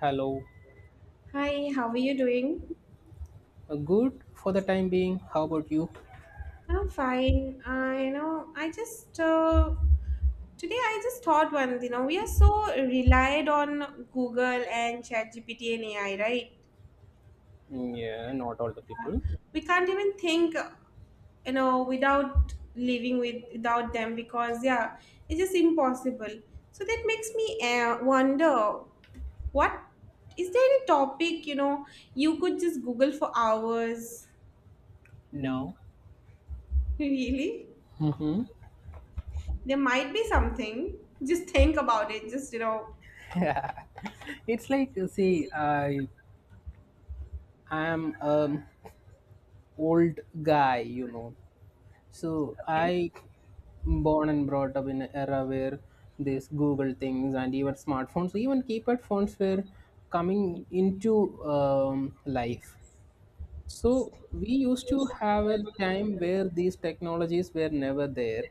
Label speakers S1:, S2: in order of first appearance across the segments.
S1: Hello.
S2: Hi, how are you doing?
S1: Good for the time being. How about you?
S2: I'm fine. I just today I just thought one. You know, we are so relied on Google and ChatGPT and AI, right?
S1: Yeah, not all the people.
S2: We can't even think, you know, without living with without them because yeah, it's just impossible. So that makes me wonder what is there any topic you know you could just Google for hours?
S1: No.
S2: Really?
S1: Mm-hmm.
S2: There might be something. Just think about it. Just, you know.
S1: It's like see, I am an old guy. So
S2: Okay.
S1: I born and brought up in an era where these Google things and even smartphones, even keypad phones were coming into life. So we used to have a time where these technologies were never there.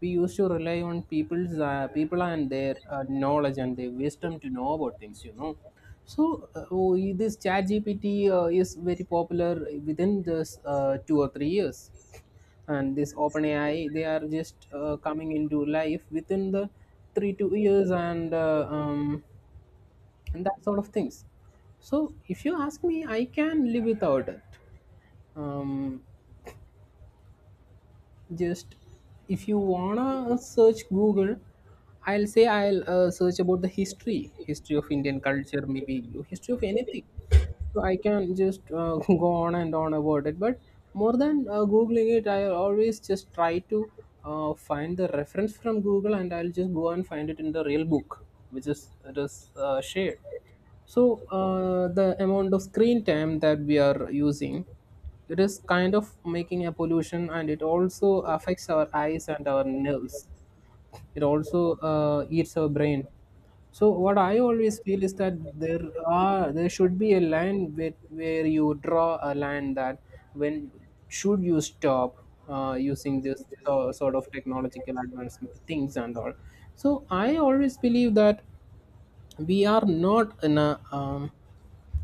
S1: We used to rely on people and their knowledge and their wisdom to know about things. So this ChatGPT is very popular within this 2 or 3 years, and this OpenAI they are just coming into life within the three two years, and that sort of things. So, if you ask me, I can live without it um, just if you wanna search Google, I'll say I'll search about the history of Indian culture, maybe history of anything. So I can just go on and on about it, but more than googling it, I always just try to find the reference from Google, and I'll just go and find it in the real book, which is it is shared. So the amount of screen time that we are using, it is kind of making a pollution, and it also affects our eyes and our nerves. It also eats our brain. So what I always feel is that there there should be a line where you draw a line that when should you stop using this sort of technological advancement things and all. So I always believe that we are not in a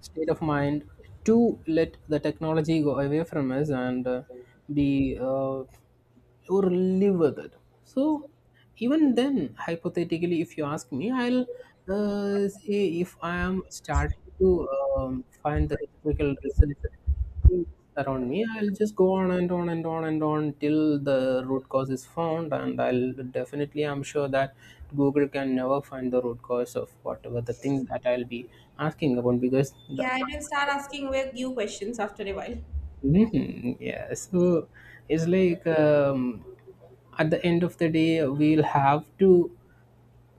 S1: state of mind to let the technology go away from us and be or live with it. So even then, hypothetically, if you ask me, I'll say if I am starting to find the historical research things around me, I'll just go on and on and on and on till the root cause is found, and I'll definitely, I'm sure that Google can never find the root cause of whatever the thing that I'll be asking about because the
S2: Yeah, I will start asking with you questions after a while.
S1: Mhm. Yeah, so it's like at the end of the day, we'll have to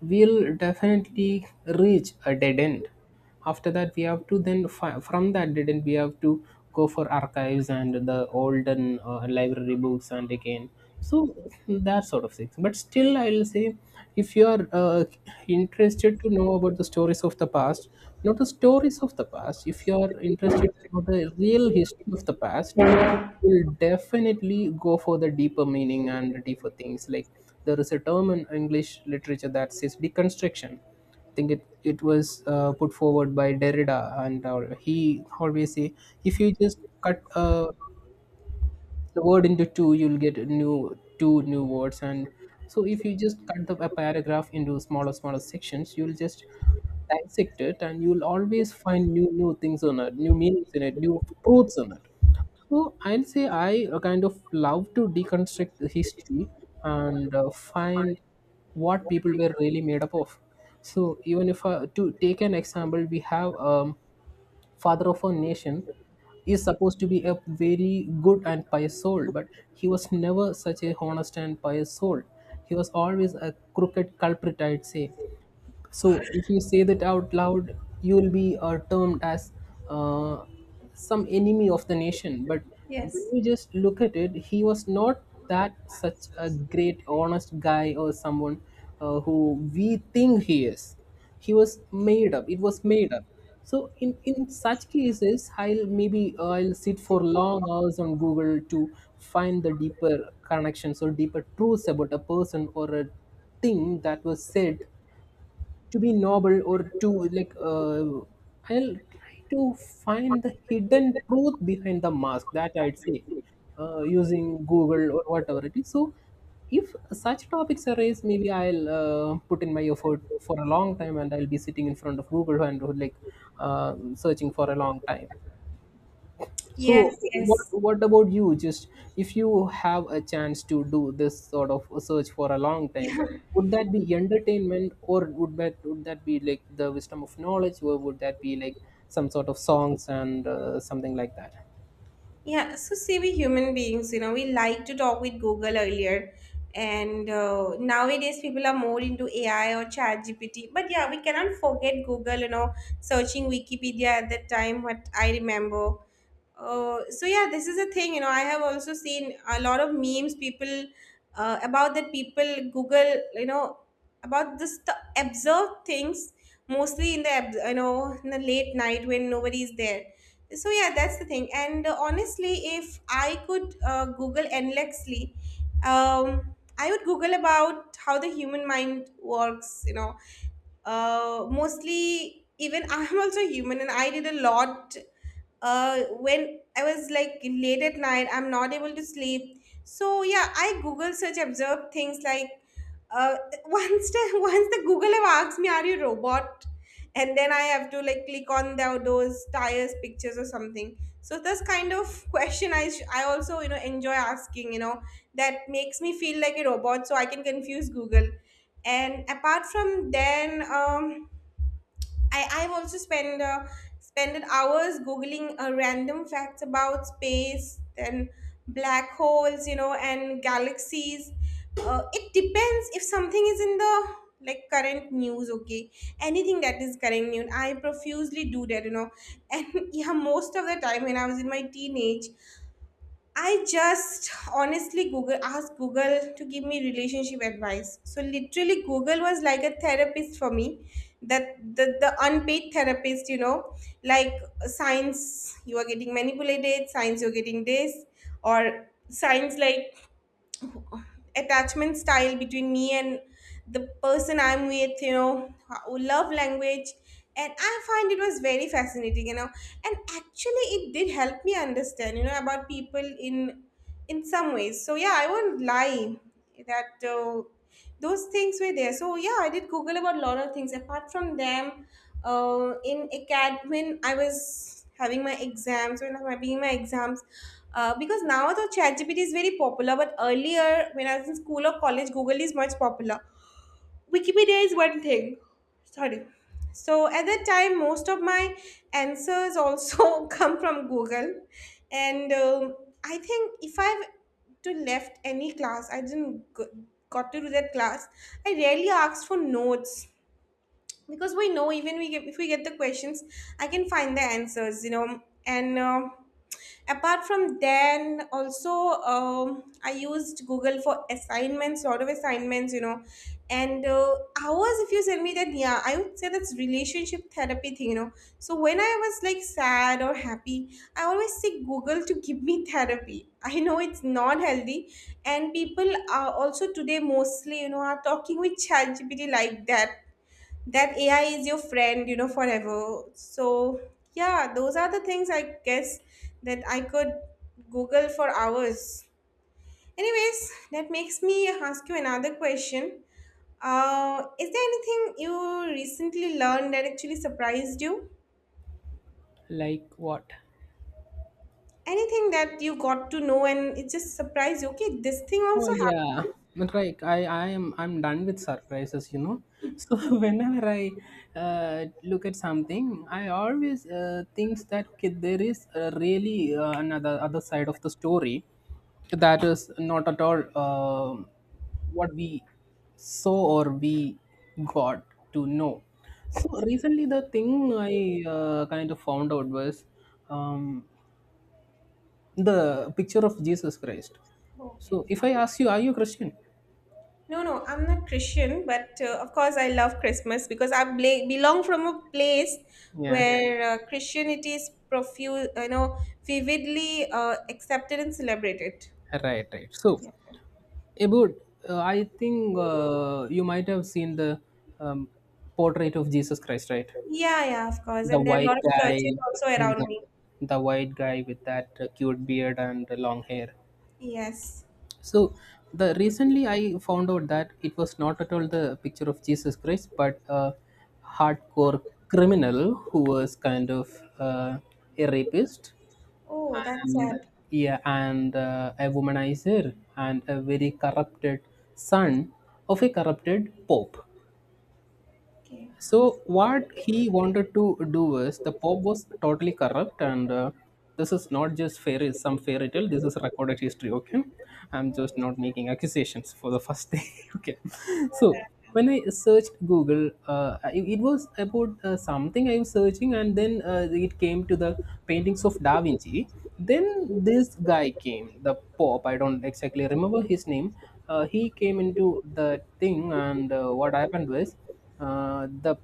S1: we'll definitely reach a dead end. After that, we have to then from that dead end, we have to go for archives and the olden library books, and again, so that sort of things. But still, I'll say if you are interested to know about the stories of the past, not the stories of the past, if you are interested to know the real history of the past, will definitely go for the deeper meaning and the deeper things. Like, there is a term in English literature that says deconstruction. I think it was put forward by Derrida, and he always say if you just cut a the word into two, you'll get a new two new words. And so if you just cut the a paragraph into smaller sections, you'll just dissect it, and you'll always find new things on it, new meanings in it, new truths on it. So I'll say I kind of love to deconstruct the history and find what people were really made up of. So even if to take an example, we have father of a nation, is supposed to be a very good and pious soul, but he was never such a honest and pious soul. He was always a crooked culprit, I'd say. So if you say that out loud, you will be termed as uh, some enemy of the nation. But when
S2: Yes.
S1: you just look at it, he was not that such a great, honest guy or someone who we think he is. He was made up. It was made up. So in such cases, I'll maybe I'll sit for long hours on Google to find the deeper connections or deeper truths about a person or a thing that was said to be noble, or to, like, I'll try to find the hidden truth behind the mask, that I'd say using Google or whatever it is. So if such topics arise, maybe I'll put in my effort for a long time, and I'll be sitting in front of Google and, like, searching for a long time. So
S2: Yes,
S1: what
S2: yes.
S1: what about you? Just if you have a chance to do this sort of search for a long time, would that be entertainment, or would that be like the wisdom of knowledge, or would that be like some sort of songs and something like that?
S2: Yeah, so see, we human beings, you know, we like to talk with Google earlier, and nowadays people are more into AI or Chat GPT. But yeah, we cannot forget Google, you know, searching Wikipedia at that time, what I remember. So yeah, this is a thing, you know, I have also seen a lot of memes, people about that people Google, you know, about this the observed things mostly in the, abs- you know, in the late night when nobody is there. So yeah, that's the thing, and honestly if I could google endlessly, I would google about how the human mind works, you know. Mostly even I'm also human and I did a lot when I was like late at night, I'm not able to sleep. So yeah, I Google search observed things like, uh, once the Google have asked me, "Are you a robot?" And then I have to like click on those tires pictures or something. So this kind of question I also, you know, enjoy asking. You know, that makes me feel like a robot, so I can confuse Google. And apart from then, I've also spent spended hours googling random facts about space and black holes, you know, and galaxies. It depends if something is in the like current news, okay. Anything that is current news, I profusely do that, you know. And yeah, most of the time when I was in my teenage, I just honestly Google asked Google to give me relationship advice. So literally Google was like a therapist for me. The unpaid therapist, you know, like signs you are getting manipulated, signs you're getting this, or signs like attachment style between me and the person I'm with, you know, ho- love language. And I find it was very fascinating, you know. And actually it did help me understand, you know, about people in some ways. So yeah, I won't lie that those things were there. So yeah, I did Google about a lot of things. Apart from them, in acad when I was having my exams, because now the ChatGPT is very popular, but earlier when I was in school or college, Google is much popular. Wikipedia is one thing. Sorry. So at that time, most of my answers also come from Google, and I think if I've to left any class, I didn't go, got to do that class. I rarely asked for notes because we know even if we get the questions I can find the answers, you know. And apart from then also, I used Google for assignments, lot of assignments, you know. And hours if you tell me that, yeah, I would say that's relationship therapy thing, you know. So when I was like sad or happy, I always say Google to give me therapy. I know it's not healthy, and people are also today mostly, you know, are talking with ChatGPT like that, that AI is your friend, you know, forever. So yeah, those are the things I guess that I could Google for hours. Anyways, that makes me ask you another question. Is there anything you recently learned that actually surprised you?
S1: Like what?
S2: Anything that you got to know and it just surprised you? Okay, this thing
S1: Oh
S2: also happened.
S1: yeah, but like I'm done with surprises. So whenever I look at something, I always thinks that okay, there is really another other side of the story that is not at all what we saw or we got to know. So recently, the thing I kind of found out was um, the picture of Jesus Christ.
S2: Okay.
S1: So if I ask you, are you a Christian?
S2: No, no, I'm not Christian, but of course I love Christmas because I bla- belong from a place
S1: Yeah,
S2: where Christianity is profuse, you know, vividly accepted and celebrated.
S1: right, right. So,
S2: Yeah.
S1: about I think you might have seen the um, portrait of Jesus Christ, right?
S2: Yeah, yeah, of course.
S1: The
S2: And there are a
S1: white
S2: lot of
S1: guy,
S2: churches also
S1: and the,
S2: around me.
S1: the white guy with that cute beard and long hair.
S2: Yes.
S1: So, the recently I found out that it was not at all the picture of Jesus Christ, but a hardcore criminal who was kind of uh, a rapist,
S2: Oh, that's
S1: and
S2: sad.
S1: yeah, and a womanizer, and a very corrupted son of a corrupted pope.
S2: Okay.
S1: So what he wanted to do was the Pope was totally corrupt, and this is not just fairy some fairy tale. This is recorded history. Okay, I'm just not making accusations for the first day. Okay, so when I searched Google, it was about something I was searching, and then it came to the paintings of Da Vinci. Then this guy came, the Pope. I don't exactly remember his name. He came into the thing, and what happened was. The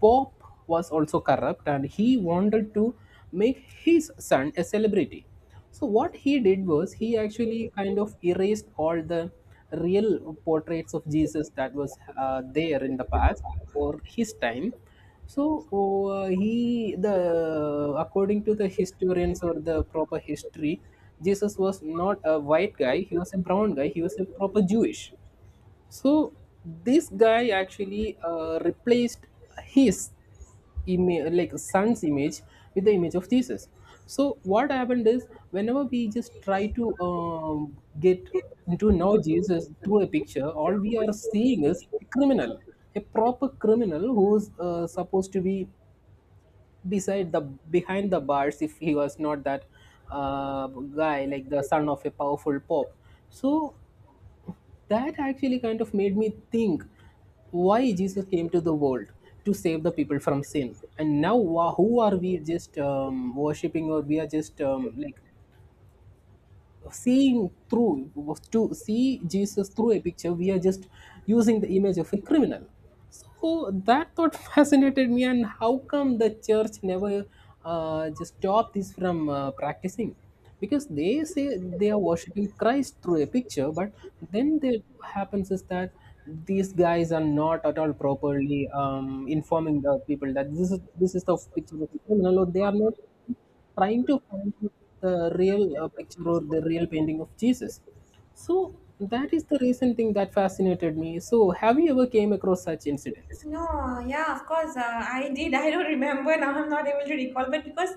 S1: Pope was also corrupt, and he wanted to make his son a celebrity. So, what he did was he actually kind of erased all the real portraits of Jesus that was there in the past or his time. So, he, the according to the historians or the proper history, Jesus was not a white guy, he was a brown guy, he was a proper Jewish. So this guy actually replaced his image, like son's image, with the image of Jesus. So what happened is, whenever we just try to get to know Jesus through a picture, all we are seeing is a criminal, a proper criminal who is supposed to be beside the behind the bars, if he was not that guy, like the son of a powerful pope. So that actually kind of made me think why Jesus came to the world to save the people from sin, and now who are we just worshipping, or we are just like seeing through, to see Jesus through a picture. We are just using the image of a criminal. So that thought fascinated me. And how come the church never just stopped this from practicing, because they say they are worshiping Christ through a picture. But then they what happens is that these guys are not at all properly informing the people that this is the picture of a criminal, or they are not trying to find out the real picture or the real painting of Jesus. So that is the recent thing that fascinated me. So have you ever came across such incidents?
S2: No, yeah, of course. I did. I don't remember now. I'm not able to recall, but because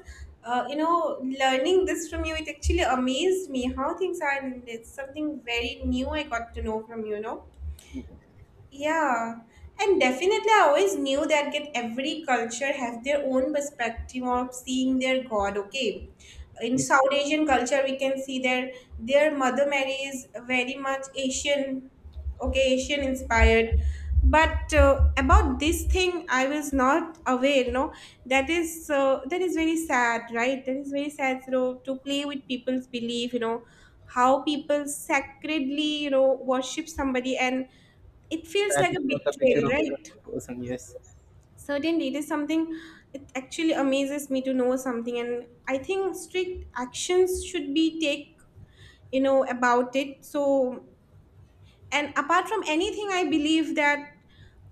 S2: you know, learning this from you, it actually amazed me how things are, and it's something very new I got to know from you, you know. Yeah, and definitely I always knew that get every culture have their own perspective of seeing their God. Okay, in South Asian culture we can see their Mother Mary is very much Asian, okay, Asian
S1: Yeah.
S2: inspired. But about this thing, I was not aware. No, that is very sad, right? That is very sad. You know, to play with people's belief. You know, how people sacredly, you know, worship somebody and it feels
S1: That
S2: like
S1: is
S2: a
S1: not the picture
S2: betrayal,
S1: of the
S2: right?
S1: real person. Yes.
S2: Certainly, it is something, it actually amazes me to know something. And I think strict actions should be take, you know, about it. So, and apart from anything, I believe that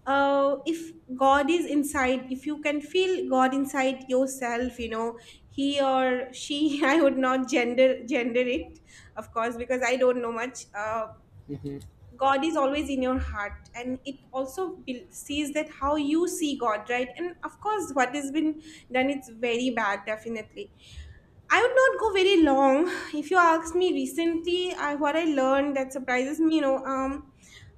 S2: if God is inside, if you can feel God inside yourself, you know, he or she, I would not gender it, of course, because I don't know much.
S1: Mm-hmm.
S2: God is always in your heart, and it also be- sees that how you see God, right? And of course what has been done, it's very bad, definitely. I would not go very long. If you ask me recently, I, what I learned that surprises me, you know,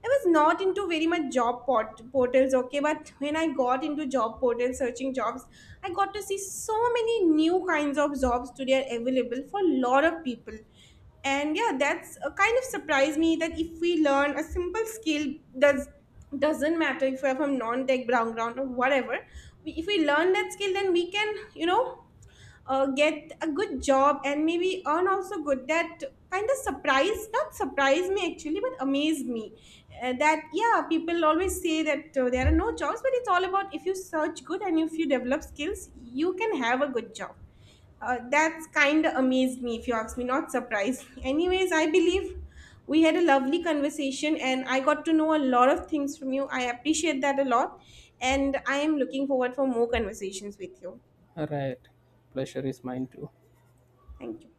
S2: I was not into very much job port- portals, okay, but when I got into job portals, searching jobs, I got to see so many new kinds of jobs today are available for a lot of people. And yeah, that's a kind of surprised me that if we learn a simple skill, does doesn't matter if we're from non-tech background or whatever, we, if we learn that skill, then we can, you know, get a good job and maybe earn also good. That kind of surprise, not surprise me actually, but amazed me. That, yeah, people always say that there are no jobs, but it's all about if you search good and if you develop skills, you can have a good job. That's kind of amazed me if you ask me, not surprised. Anyways, I believe we had a lovely conversation and I got to know a lot of things from you. I appreciate that a lot, and I am looking forward for more conversations with you.
S1: All right. Pleasure is mine too.
S2: Thank you.